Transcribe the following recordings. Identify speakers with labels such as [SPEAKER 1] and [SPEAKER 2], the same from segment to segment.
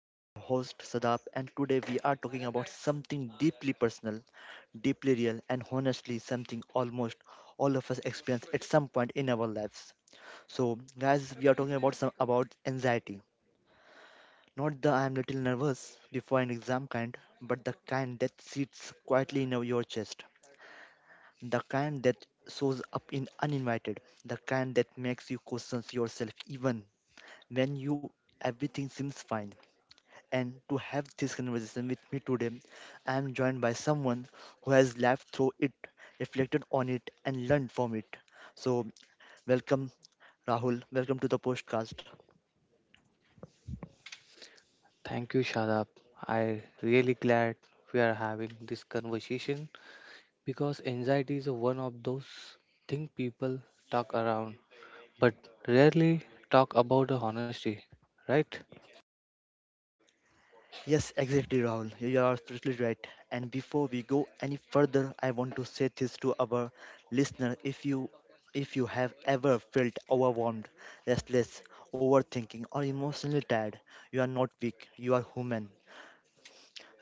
[SPEAKER 1] I am your host Sadap, and today we are talking about something deeply personal, deeply real, and honestly something almost all of us experience at some point in our lives. So, guys, we are talking about some about anxiety, not the I am little nervous before an exam kind, but the kind that sits quietly in your chest, the kind that shows up in uninvited, the kind that makes you question yourself even when you everything seems fine. And to have this conversation with me today, I am joined by someone who has lived through it, reflected on it, and learned from it. So, welcome, Rahul. Welcome to the podcast.
[SPEAKER 2] Thank you, Shadab. I really glad we are having this conversation because anxiety is one of those thing people talk around but rarely talk about the honesty, right?
[SPEAKER 1] Yes, exactly, Rahul. You are absolutely right. And before we go any further, I want to say this to our listener: if you have ever felt overwhelmed, restless, overthinking, or emotionally tired, you are not weak. You are human.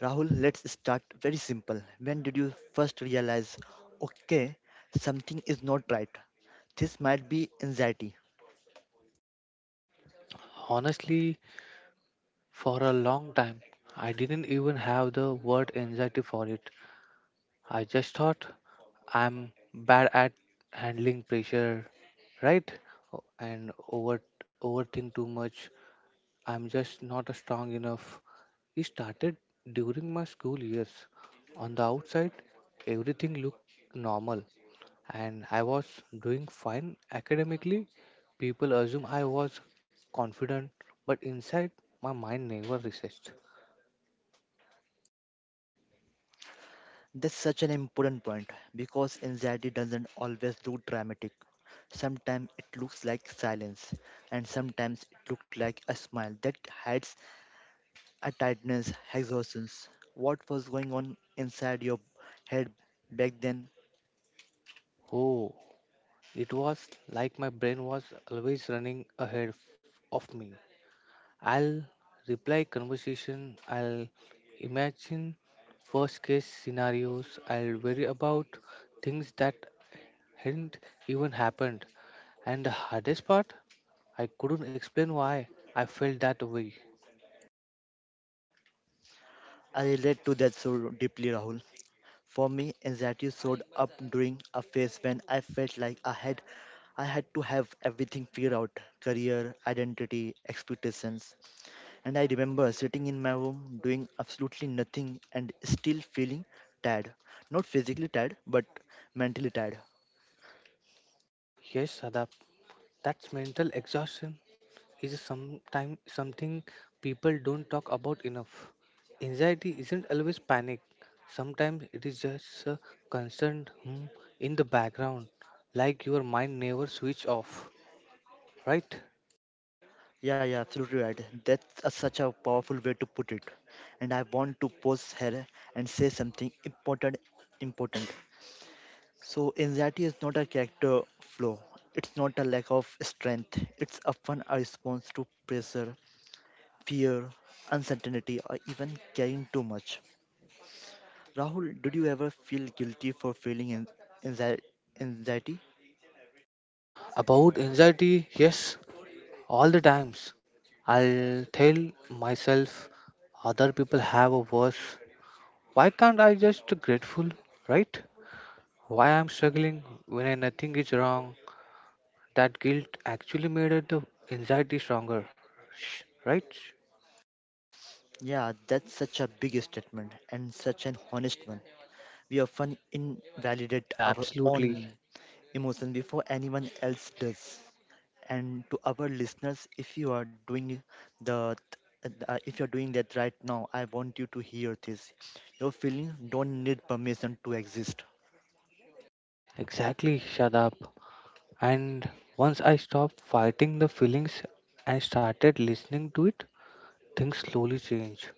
[SPEAKER 1] Rahul, let's start very simple. When did you first realize, okay, something is not right? This might be anxiety.
[SPEAKER 2] Honestly, for a long time, I didn't even have the word anxiety for it. I just thought I'm bad at handling pressure, right? And over overthink too much. I'm just not strong enough. It started during my school years. On the outside, everything looked normal and I was doing fine academically. People assume I was confident, but inside, my mind never researched.
[SPEAKER 1] That's such an important point because anxiety doesn't always look dramatic. Sometimes it looks like silence, and sometimes it looks like a smile that hides a tiredness, exhaustion. What was going on inside your head back then?
[SPEAKER 2] Oh, it was like my brain was always running ahead of me. I'll reply conversation, I'll imagine worst case scenarios, I'll worry about things that hadn't even happened. And the hardest part, I couldn't explain why I felt that way.
[SPEAKER 1] I relate to that so deeply, Rahul. For me, anxiety showed up during a phase when I felt like I had to have everything figured out career, identity, expectations. And I remember sitting in my room doing absolutely nothing and still feeling tired. Not physically tired, but mentally tired.
[SPEAKER 2] Yes, Sadap, that's mental exhaustion is sometimes something people don't talk about enough. Anxiety isn't always panic. Sometimes it is just a concern in the background, like your mind never switch off. Right?
[SPEAKER 1] Yeah, yeah, absolutely right. Such a powerful way to put it. And I want to pause here and say something important. Important. So, anxiety is not a character flaw. It's not a lack of strength. It's often a response to pressure, fear, uncertainty, or even caring too much. Rahul, did you ever feel guilty for feeling anxi- anxiety?
[SPEAKER 2] About anxiety, yes, all the times I'll tell myself other people have a worse. Why can't I just grateful, right? Why I'm struggling when I nothing is wrong? That guilt actually made it the anxiety stronger, right?
[SPEAKER 1] Yeah, that's such a big statement and such an honest one. We often invalidate
[SPEAKER 2] Yeah,
[SPEAKER 1] our
[SPEAKER 2] absolutely.
[SPEAKER 1] own emotion before anyone else does. And to our listeners, if you are doing the if you're doing that right now, I want you to hear this: your feelings don't need permission to exist.
[SPEAKER 2] Exactly, shut up. And once I stopped fighting the feelings and started listening to it, things slowly changed.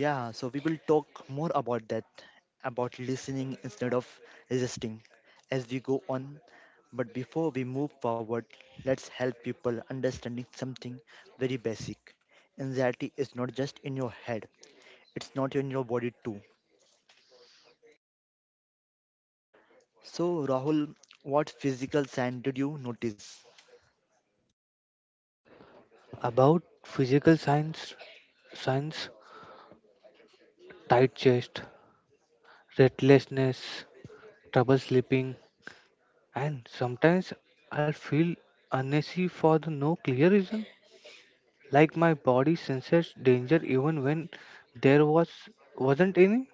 [SPEAKER 1] Yeah, so we will talk more about that, about listening instead of resisting as we go on. But before we move forward, let's help people understanding something very basic. Anxiety is not just in your head, it's not in your body too. So Rahul, what physical sign did you notice?
[SPEAKER 2] About physical signs, signs, tight chest, restlessness, trouble sleeping, and sometimes I'll feel uneasy for the no clear reason, like my body senses danger even when there wasn't any.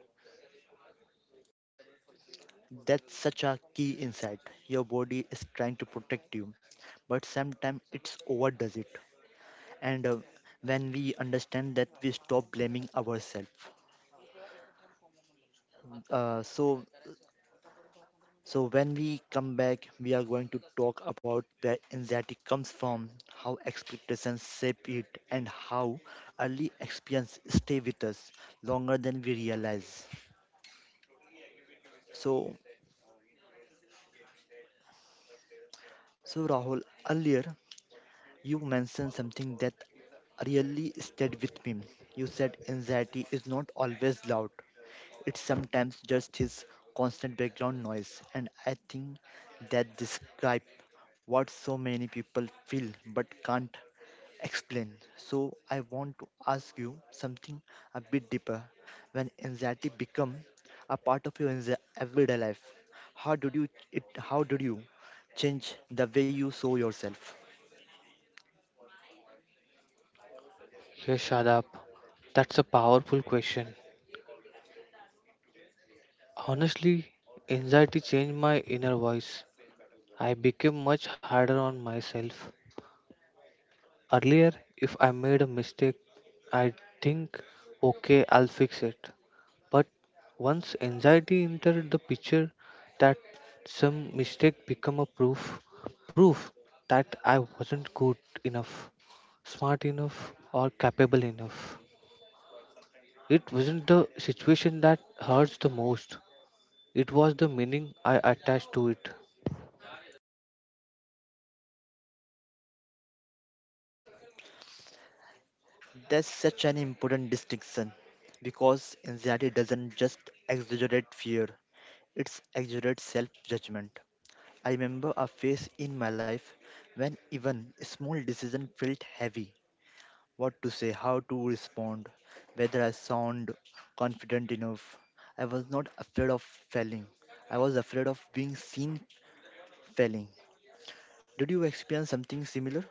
[SPEAKER 1] That's such a key insight. Your body is trying to protect you, but sometimes it's overdoes it. And when we understand that, we stop blaming ourselves. Uh, so, so when we come back, we are going to talk about where anxiety comes from, how expectations shape it, and how early experience stay with us longer than we realize. So, so Rahul, earlier you mentioned something that really stayed with me. You said anxiety is not always loud, it's sometimes just his constant background noise, and I think that describes what so many people feel but can't explain. So, I want to ask you something a bit deeper. When anxiety become a part of your everyday life, how did you change the way you saw yourself?
[SPEAKER 2] Yes, Shadab, that's a powerful question. Honestly, anxiety changed my inner voice. I became much harder on myself. Earlier, if I made a mistake, I'd think, okay, I'll fix it. But once anxiety entered the picture, that some mistake become a proof, proof that I wasn't good enough, smart enough, or capable enough. It wasn't the situation that hurts the most. It was the meaning I attached to it.
[SPEAKER 1] That's such an important distinction because anxiety doesn't just exaggerate fear, it exaggerates self judgment. I remember a phase in my life when even a small decision felt heavy what to say, how to respond, whether I sound confident enough. I was not afraid of failing, I was afraid of being seen failing. Did you experience something similar?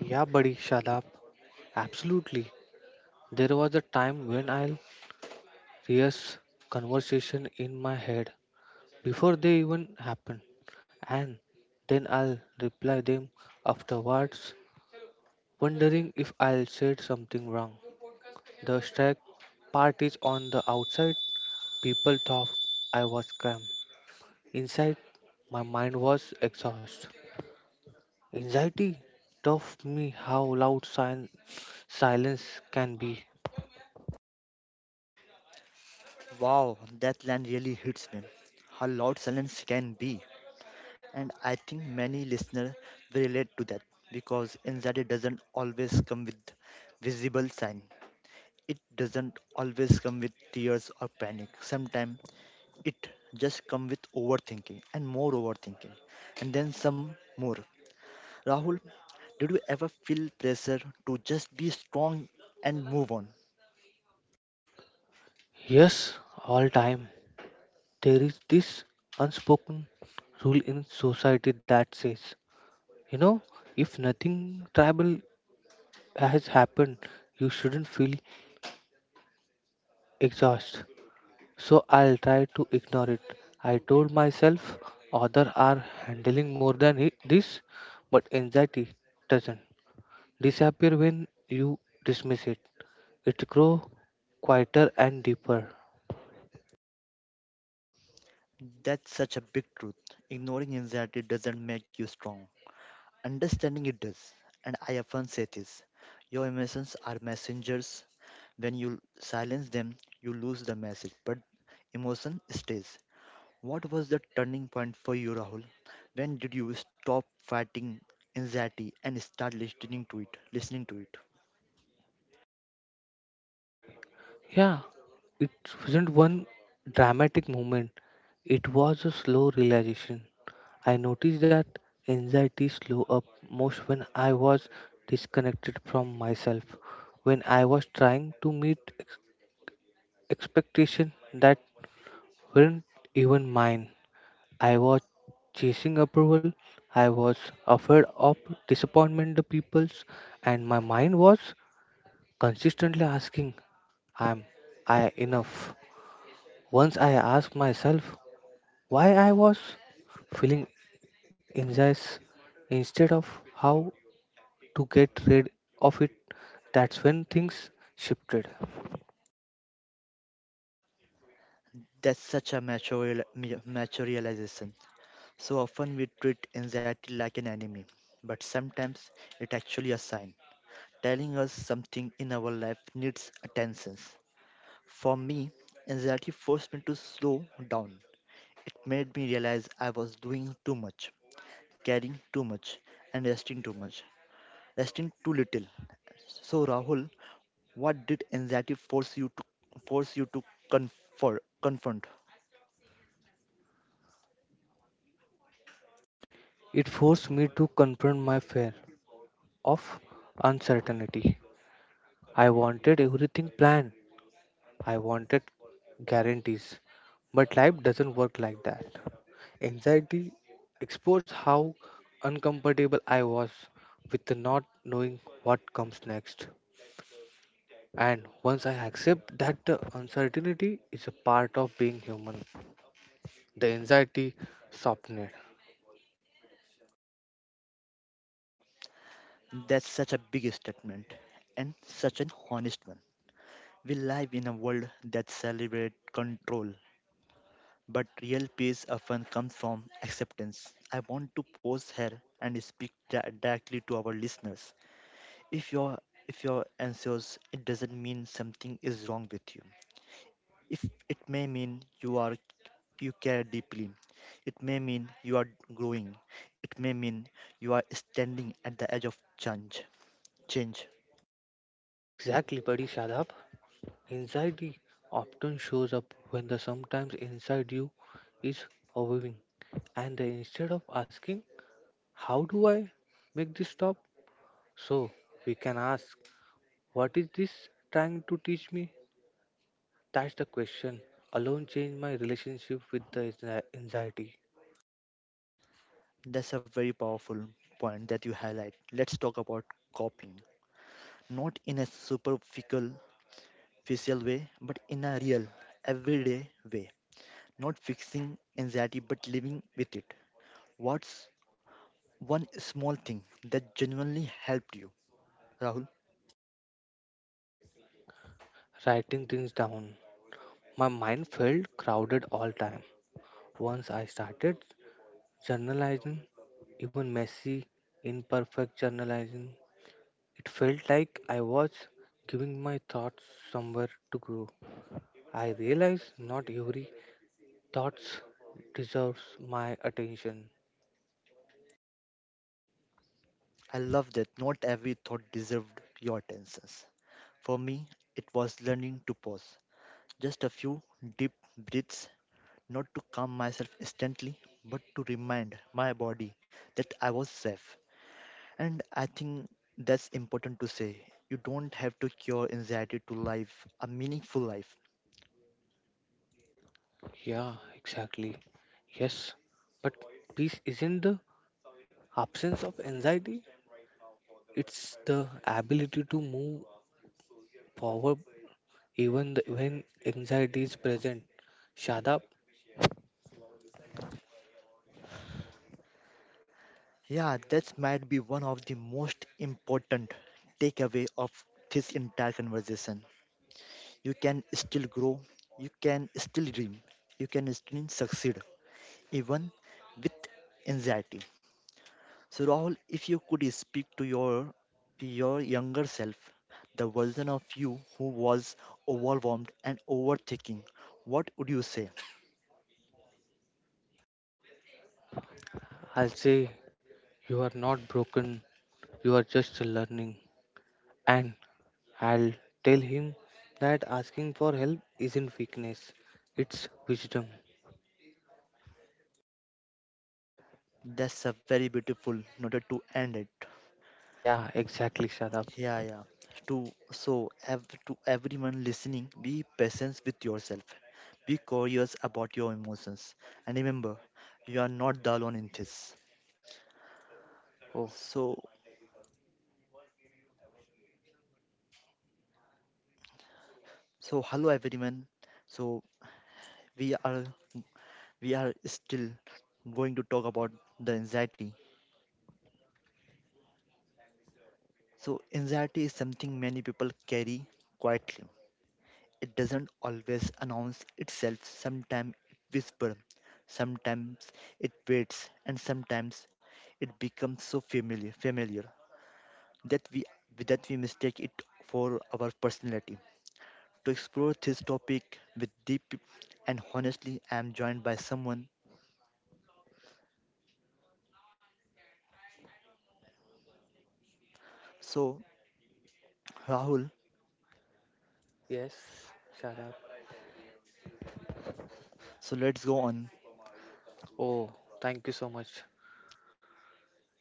[SPEAKER 2] Yeah, buddy, shut absolutely. There was a time when I rehearsed conversation in my head before they even happen, and then I'll reply them afterwards, wondering if I'll said something wrong. The strike part is on the outside. People thought I was calm. Inside, my mind was exhausted. Anxiety taught me how loud silence can be.
[SPEAKER 1] Wow, that line really hits me. How loud silence can be. And I think many listeners relate to that because anxiety doesn't always come with visible sign. It doesn't always come with tears or panic. Sometimes it just come with overthinking and more overthinking and then some more. Rahul, did you ever feel pressure to just be strong and move on?
[SPEAKER 2] Yes, all time. There is this unspoken rule in society that says, you know, if nothing tribal has happened, you shouldn't feel exhausted. So I'll try to ignore it. I told myself others are handling more than this, but anxiety doesn't disappear when you dismiss it. It grows quieter and deeper.
[SPEAKER 1] That's such a big truth. Ignoring anxiety doesn't make you strong. Understanding it does, and I often say this: your emotions are messengers. When you silence them, you lose the message, but emotion stays. What was the turning point for you, Rahul? When did you stop fighting anxiety and start listening to it? Listening to it.
[SPEAKER 2] Yeah, it wasn't one dramatic moment. It was a slow realization. I noticed that anxiety slow up most when I was disconnected from myself, when I was trying to meet expectations that weren't even mine. I was chasing approval, I was afraid of disappointment the people's, and my mind was consistently asking, "Am I enough?" Once I asked myself why I was feeling anxious instead of how to get rid of it. That's when things shifted.
[SPEAKER 1] That's such a mature realization. So often we treat anxiety like an enemy, but sometimes it's actually a sign telling us something in our life needs attention. For me, anxiety forced me to slow down. It made me realize I was doing too much, caring too much, and resting too little. So, Rahul, what did anxiety force you to confront? Confront.
[SPEAKER 2] It forced me to confront my fear of uncertainty. I wanted everything planned, I wanted guarantees, but life doesn't work like that. Anxiety exposed how uncomfortable I was with not knowing what comes next. And once I accept that the uncertainty is a part of being human, the anxiety softened.
[SPEAKER 1] That's such a big statement and such an honest one. We live in a world that celebrates control, but real peace often comes from acceptance. I want to pause here and speak directly to our listeners. If you're if you're anxious, it doesn't mean something is wrong with you. If it may mean you care deeply. It may mean you are growing. It may mean you are standing at the edge of change. Change.
[SPEAKER 2] Exactly, buddy Shadab. Anxiety often shows up when the sometimes inside you is overwhelming, and then instead of asking, how do I make this stop? So we can ask, what is this trying to teach me? That's the question. Alone changed my relationship with the anxiety.
[SPEAKER 1] That's a very powerful point that you highlight. Let's talk about coping. Not in a superficial Facial way, but in a real, everyday way. Not fixing anxiety, but living with it. What's one small thing that genuinely helped you? Rahul,
[SPEAKER 2] Writing things down. My mind felt crowded all time. Once I started journalizing, even messy, imperfect journalizing, it felt like I was giving my thoughts somewhere to grow. I realized not every thoughts deserves my attention.
[SPEAKER 1] I love that not every thought deserved your attentions. For me, it was learning to pause. Just a few deep breaths, not to calm myself instantly, but to remind my body that I was safe. And I think that's important to say. You don't have to cure anxiety to live a meaningful life.
[SPEAKER 2] Yeah, exactly. Yes, but peace isn't the absence of anxiety. It's the ability to move forward even the, when anxiety is present, Shadab.
[SPEAKER 1] Yeah, that might be one of the most important takeaway of this entire conversation. You can still grow, you can still dream, you can still succeed, even with anxiety. So Rahul, if you could speak to your younger self, the version of you who was overwhelmed and overthinking, what would you say?
[SPEAKER 2] I'll say, you are not broken, you are just learning. And I'll tell him that asking for help isn't weakness, it's wisdom.
[SPEAKER 1] That's a very beautiful note to end it.
[SPEAKER 2] Yeah, exactly, Shadab.
[SPEAKER 1] Yeah, yeah. To everyone listening, be patient with yourself. Be curious about your emotions, and remember, you are not the alone in this.
[SPEAKER 2] Oh,
[SPEAKER 1] So so hello everyone. So we are we are still going to talk about the anxiety. So anxiety is something many people carry quietly. It doesn't always announce itself. Sometimes it whispers, sometimes it waits, and sometimes it becomes so familiar that we mistake it for our personality. To explore this topic with deep and honestly, I am joined by someone. So Rahul,
[SPEAKER 2] yes, Shadab.
[SPEAKER 1] so let's go on.
[SPEAKER 2] Oh, Thank you so much.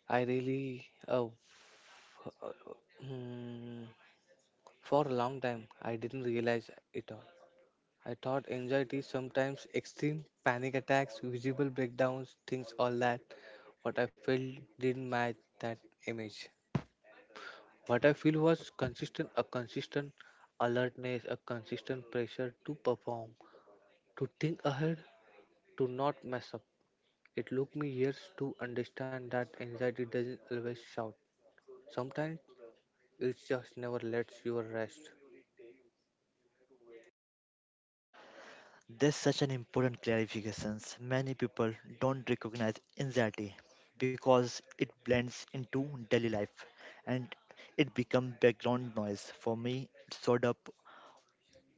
[SPEAKER 2] I really, hmm, for a long time, I didn't realize it all. I thought anxiety is sometimes extreme panic attacks, visible breakdowns, things all that. What I felt didn't match that image. What I feel was consistent, a consistent alertness, a consistent pressure to perform, to think ahead, to not mess up. It took me years to understand that anxiety doesn't always shout. Sometimes it just never lets you rest.
[SPEAKER 1] That's such an important clarification. Many people don't recognize anxiety because it blends into daily life and it becomes background noise. For me, it showed up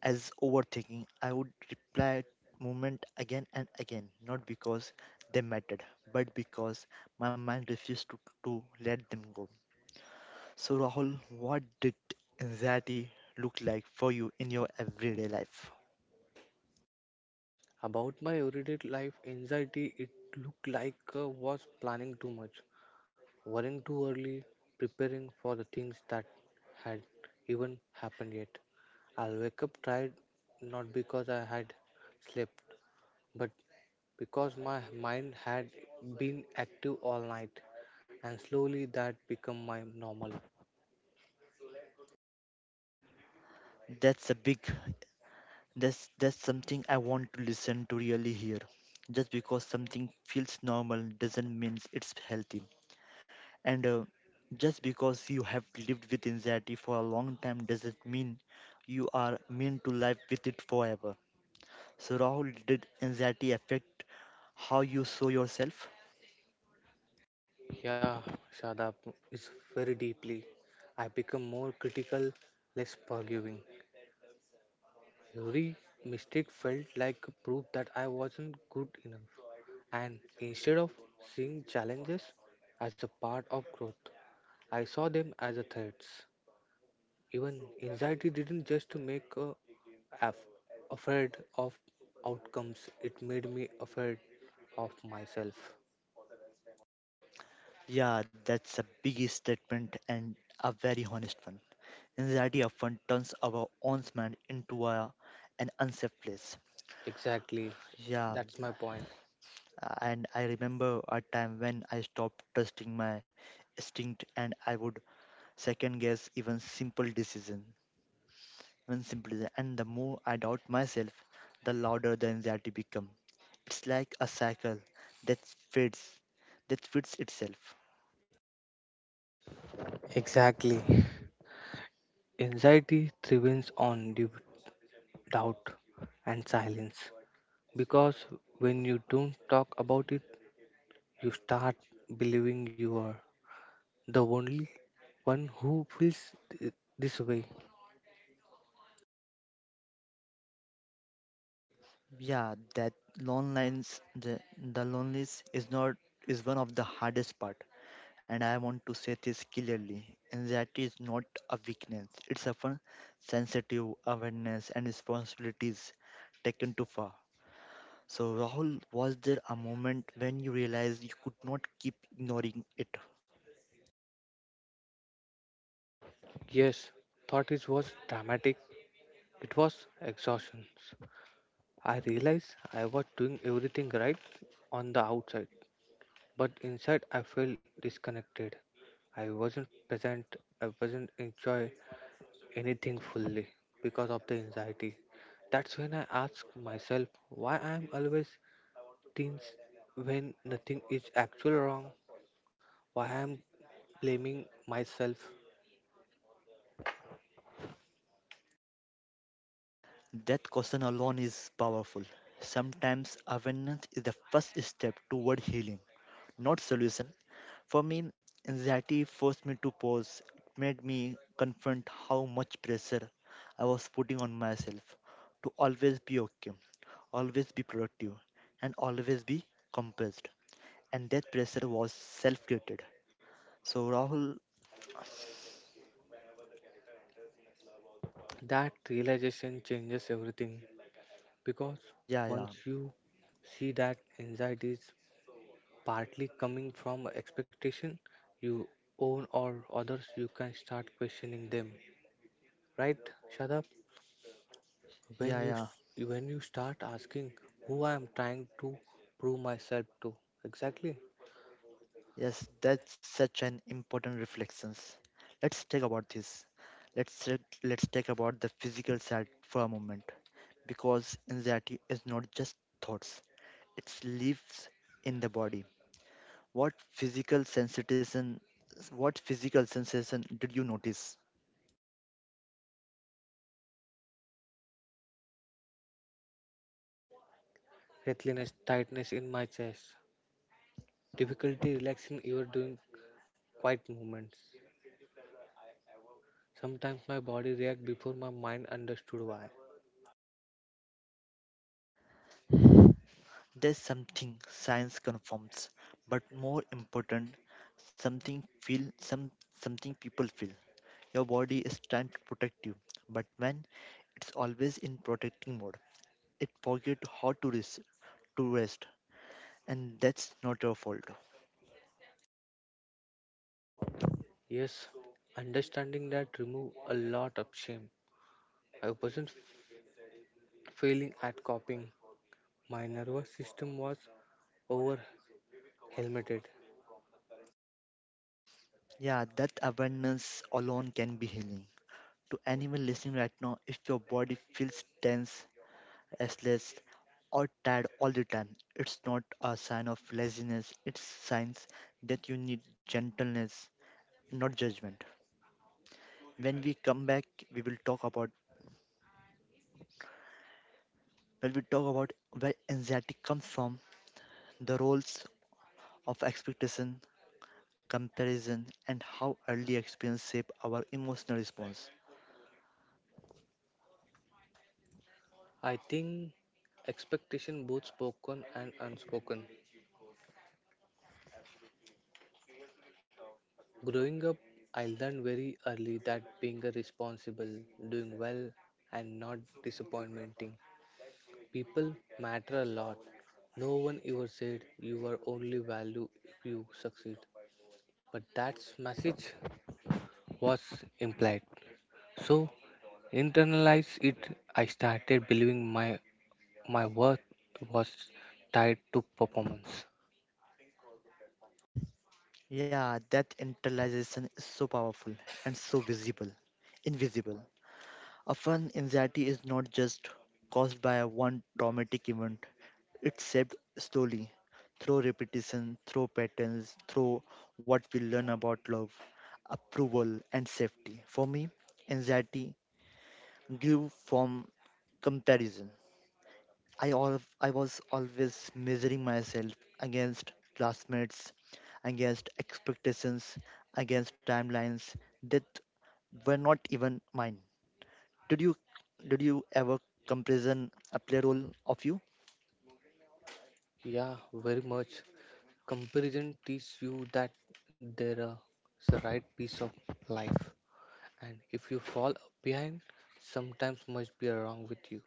[SPEAKER 1] as overthinking. I would reply moment again and again, not because they mattered, but because my mind refused to let them go. So, Rahul, what did anxiety look like for you in your everyday life?
[SPEAKER 2] About my everyday life anxiety, it looked like I was planning too much. Worrying too early, preparing for the things that had even happened yet. I'll wake up tired not because I had slept, but because my mind had been active all night, and slowly that become my normal.
[SPEAKER 1] That's a big That's something I want to listen to really hear. Just because something feels normal doesn't mean it's healthy. And just because you have lived with anxiety for a long time doesn't mean you are meant to live with it forever. So Rahul, did anxiety affect how you saw yourself?
[SPEAKER 2] Yeah, Shadab is very deeply. I become more critical, less forgiving. Every mistake felt like proof that I wasn't good enough. And instead of seeing challenges as a part of growth, I saw them as a threats. Even anxiety didn't just make a af- afraid of outcomes, it made me afraid of myself.
[SPEAKER 1] Yeah, that's a big statement and a very honest one. Anxiety often turns our own mind into an unsafe place.
[SPEAKER 2] Exactly,
[SPEAKER 1] Yeah.
[SPEAKER 2] that's my point.
[SPEAKER 1] And I remember a time when I stopped trusting my instinct and I would second guess even simple decision. And the more I doubt myself, the louder the anxiety become. It's like a cycle that fits, that fits itself.
[SPEAKER 2] Exactly. Anxiety thrives on doubt and silence because when you don't talk about it, you start believing you are the only one who feels th- this way.
[SPEAKER 1] Yeah, that loneliness, the loneliness is not is one of the hardest part and I want to say this clearly. Anxiety is not a weakness, it's often sensitive awareness and responsibilities taken too far. So, Rahul, was there a moment when you realized you could not keep ignoring it?
[SPEAKER 2] Yes, thought it was dramatic. It was exhaustion. I realized I was doing everything right on the outside, but inside I felt disconnected. I wasn't present. I wasn't enjoy anything fully because of the anxiety. That's when I ask myself why I'm always things when nothing is actually wrong. Why I'm blaming myself?
[SPEAKER 1] That question alone is powerful. Sometimes awareness is the first step toward healing, not solution. For me, anxiety forced me to pause. It made me confront how much pressure I was putting on myself to always be okay, always be productive, and always be composed. And that pressure was self created. So, Rahul,
[SPEAKER 2] That realization changes everything because
[SPEAKER 1] yeah, yeah,
[SPEAKER 2] once you see that anxiety is partly coming from expectation you own or others, you can start questioning them. Right, Shadab?
[SPEAKER 1] yeah,
[SPEAKER 2] When you
[SPEAKER 1] yeah.
[SPEAKER 2] s- when you start asking who I am trying to prove myself to, exactly.
[SPEAKER 1] Yes, that's such an important reflections. Let's talk about this. Let's talk about the physical side for a moment because anxiety is not just thoughts. It lives in the body. What physical sensation, what physical sensation did you notice?
[SPEAKER 2] Breathlessness, tightness in my chest, difficulty relaxing even during quiet movements. Sometimes my body reacts before my mind understood why.
[SPEAKER 1] There's something science confirms, but more important, something feel some something people feel. Your body is trying to protect you, but when it's always in protecting mode, it forget how to rest, and that's not your fault.
[SPEAKER 2] Yes, understanding that remove a lot of shame. I wasn't failing at copying. My nervous system was over helmeted.
[SPEAKER 1] Yeah, that awareness alone can be healing. To anyone listening right now, if your body feels tense, restless, or tired all the time, it's not a sign of laziness, it's signs that you need gentleness, not judgment. When we come back, we will talk about when we talk about where anxiety comes from, the roles of expectation, comparison, and how early experience shape our emotional response.
[SPEAKER 2] I think expectation both spoken and unspoken. Growing up, I learned very early that being a responsible, doing well, and not disappointing people matter a lot. No one ever said you are only value if you succeed, but that message was implied. So internalize it. I started believing my worth was tied to performance.
[SPEAKER 1] Yeah, that internalization is so powerful and so visible, invisible. Often, anxiety is not just caused by a one traumatic event, it's shaped slowly through repetition, through patterns, through what we learn about love, approval, and safety. For me, anxiety grew from comparison. I was always measuring myself against classmates, against expectations, against timelines that were not even mine. Did you did you ever comparison a play role of you?
[SPEAKER 2] Yeah, very much. Comparison teaches you that there is are the right piece of life, and if you fall behind, sometimes must be wrong with you.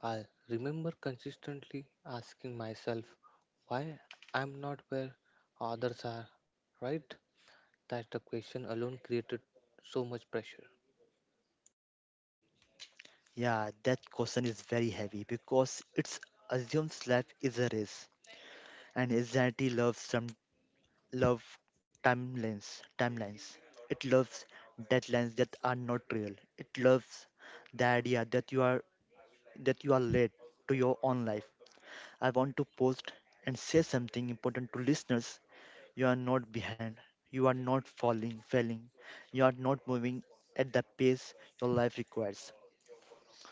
[SPEAKER 2] I remember consistently asking myself why I'm not where others are. Right? That the question alone created so much pressure.
[SPEAKER 1] Yeah, that question is very heavy because it's assumes life is a race and anxiety loves some love timelines timelines. It loves deadlines that are not real. It loves the idea that you are late to your own life. I want to post and say something important to listeners. You are not behind. You are not falling, failing. You are not moving at the pace your life requires.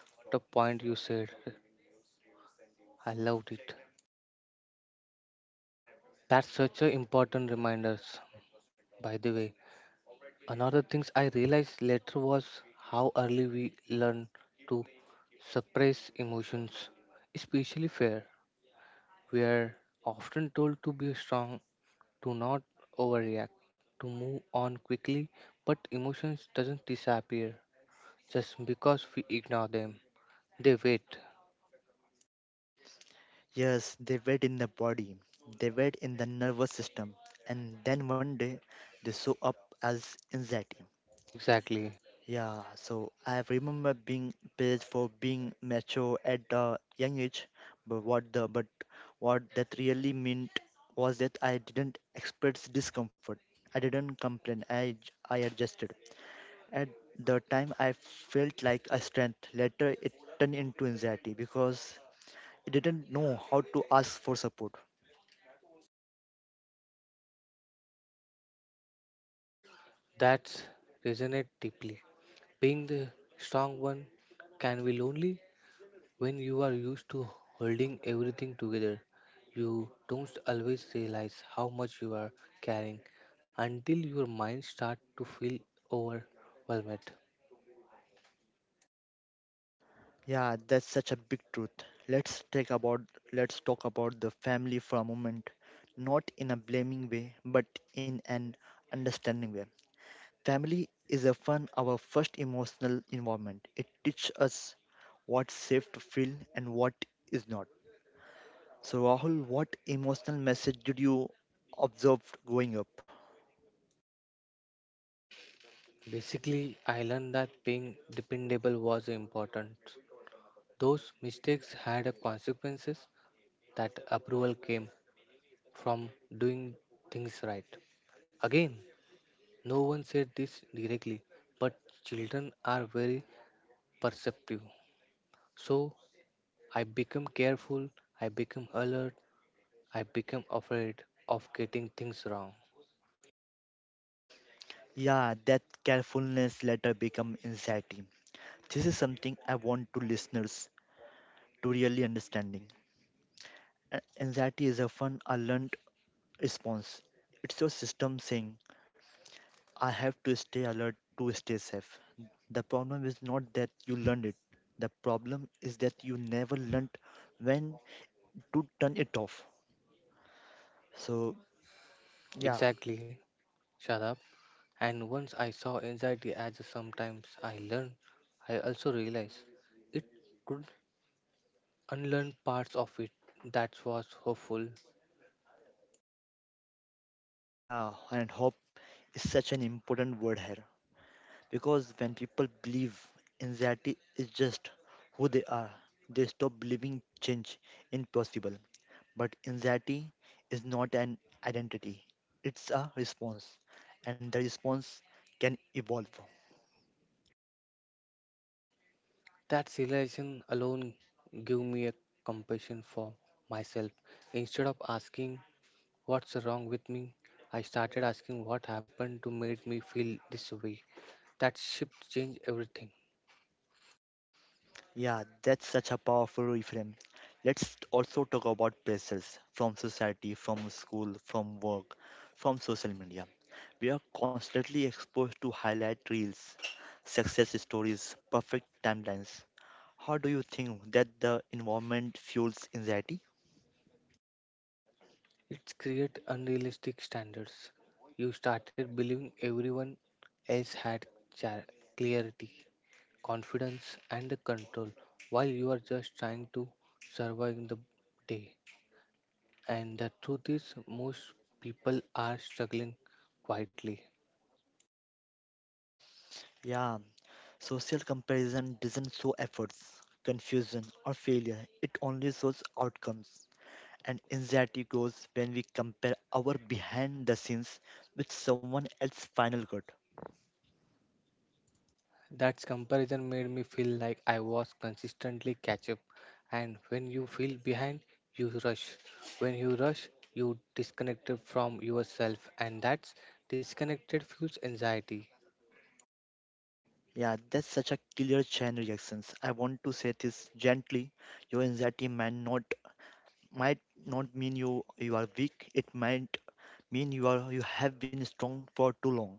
[SPEAKER 2] What a point you said. I loved it. That's such a important reminders. By the way, another things I realized later was how early we learn to suppress emotions, especially fear. We are often told to be strong, to not overreact, to move on quickly, but emotions doesn't disappear just because we ignore them. They wait.
[SPEAKER 1] Yes, they wait in the body, they wait in the nervous system, and then one day they show up as anxiety.
[SPEAKER 2] Exactly.
[SPEAKER 1] Yeah, so I remember being praised for being mature at a young age, but what the but what that really meant was that I didn't express discomfort. I didn't complain. I adjusted. At the time, I felt like a strength. Later, it turned into anxiety because I didn't know how to ask for support.
[SPEAKER 2] That's resonate deeply. Being the strong one can be lonely when you are used to holding everything together. You don't always realize how much you are carrying until your mind starts to feel overwhelmed.
[SPEAKER 1] Yeah, that's such a big truth. Let's take about let's talk about the family for a moment, not in a blaming way, but in an understanding way. Family is often our first emotional environment. It teaches us what's safe to feel and what is not. So Rahul, what emotional message did you observe growing up?
[SPEAKER 2] Basically, I learned that being dependable was important. Those mistakes had a consequences that approval came from doing things right. Again, no one said this directly, but children are very perceptive. So I become careful, I become alert, I become afraid of getting things wrong.
[SPEAKER 1] Yeah, that carefulness later become anxiety. This is something I want to listeners to really understanding. Anxiety is often a learned response. It's your system saying, I have to stay alert to stay safe. The problem is not that you learned it. The problem is that you never learned when to turn it off. So yeah,
[SPEAKER 2] Exactly, shut. And once I saw anxiety as sometimes I learn, I also realized it could unlearn parts of it that was hopeful.
[SPEAKER 1] yeah, and hope is such an important word here, because when people believe anxiety is just who they are, they stop believing change impossible. But anxiety is not an identity, it's a response, and the response can evolve.
[SPEAKER 2] That realization alone gave me a compassion for myself. Instead of asking what's wrong with me, I started asking what happened to make me feel this way. That shift changed everything.
[SPEAKER 1] Yeah, that's such a powerful reframe. Let's also talk about pressures from society, from school, from work, from social media. We are constantly exposed to highlight reels, success stories, perfect timelines. How do you think that the environment fuels anxiety?
[SPEAKER 2] It created unrealistic standards. You started believing everyone else had char- clarity, confidence, and the control while you are just trying to survive in the day. And the truth is, most people are struggling quietly.
[SPEAKER 1] Yeah, social comparison doesn't show efforts, confusion, or failure. It only shows outcomes, and anxiety grows when we compare our behind the scenes with someone else's final cut.
[SPEAKER 2] That comparison made me feel like I was consistently catch up. And when you feel behind, you rush. When you rush, you disconnected from yourself, and that's disconnected fuels anxiety.
[SPEAKER 1] Yeah, that's such a killer chain reactions. I want to say this gently. Your anxiety might not mean you are weak. It might mean you have been strong for too long.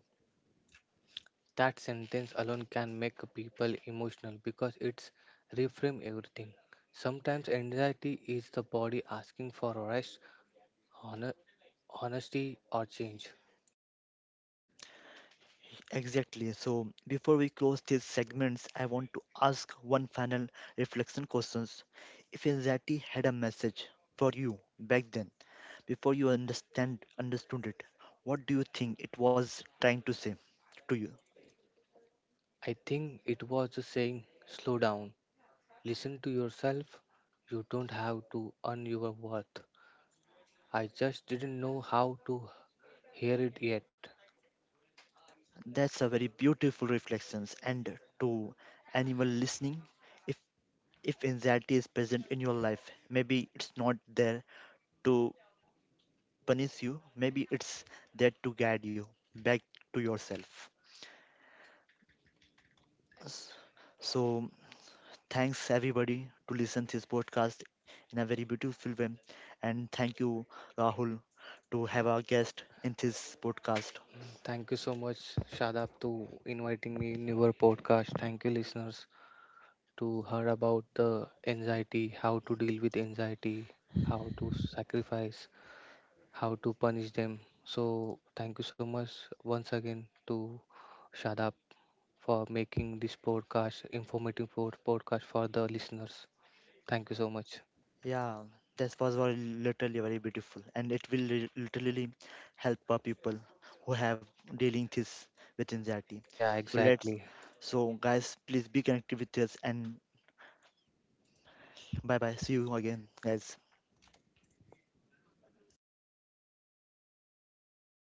[SPEAKER 2] That sentence alone can make people emotional because it's reframe everything. Sometimes anxiety is the body asking for rest, honor, honesty, or change.
[SPEAKER 1] Exactly. So before we close these segments, I want to ask one final reflection questions. If anxiety had a message for you back then, before you understand understood it, what do you think it was trying to say to you?
[SPEAKER 2] I think it was saying slow down. Listen to yourself. You don't have to earn your worth. I just didn't know how to hear it yet.
[SPEAKER 1] That's a very beautiful reflections. And to anyone listening, if if anxiety is present in your life, maybe it's not there to punish you. Maybe it's there to guide you back to yourself. S- So thanks everybody to listen this podcast in a very beautiful way, and thank you Rahul to have our guest in this podcast.
[SPEAKER 2] Thank you so much, Shadab, to inviting me in your podcast. Thank you, listeners, to hear about the anxiety, how to deal with anxiety, how to sacrifice, how to punish them. So, thank you so much once again to Shadab for making this podcast informative podcast for the listeners. Thank you so much.
[SPEAKER 1] Yeah, this was very literally very beautiful, and it will literally help our people who have dealing this with anxiety.
[SPEAKER 2] Yeah,
[SPEAKER 1] So let's,
[SPEAKER 2] exactly.
[SPEAKER 1] so guys, please be connected with us, and bye bye. See you again, guys.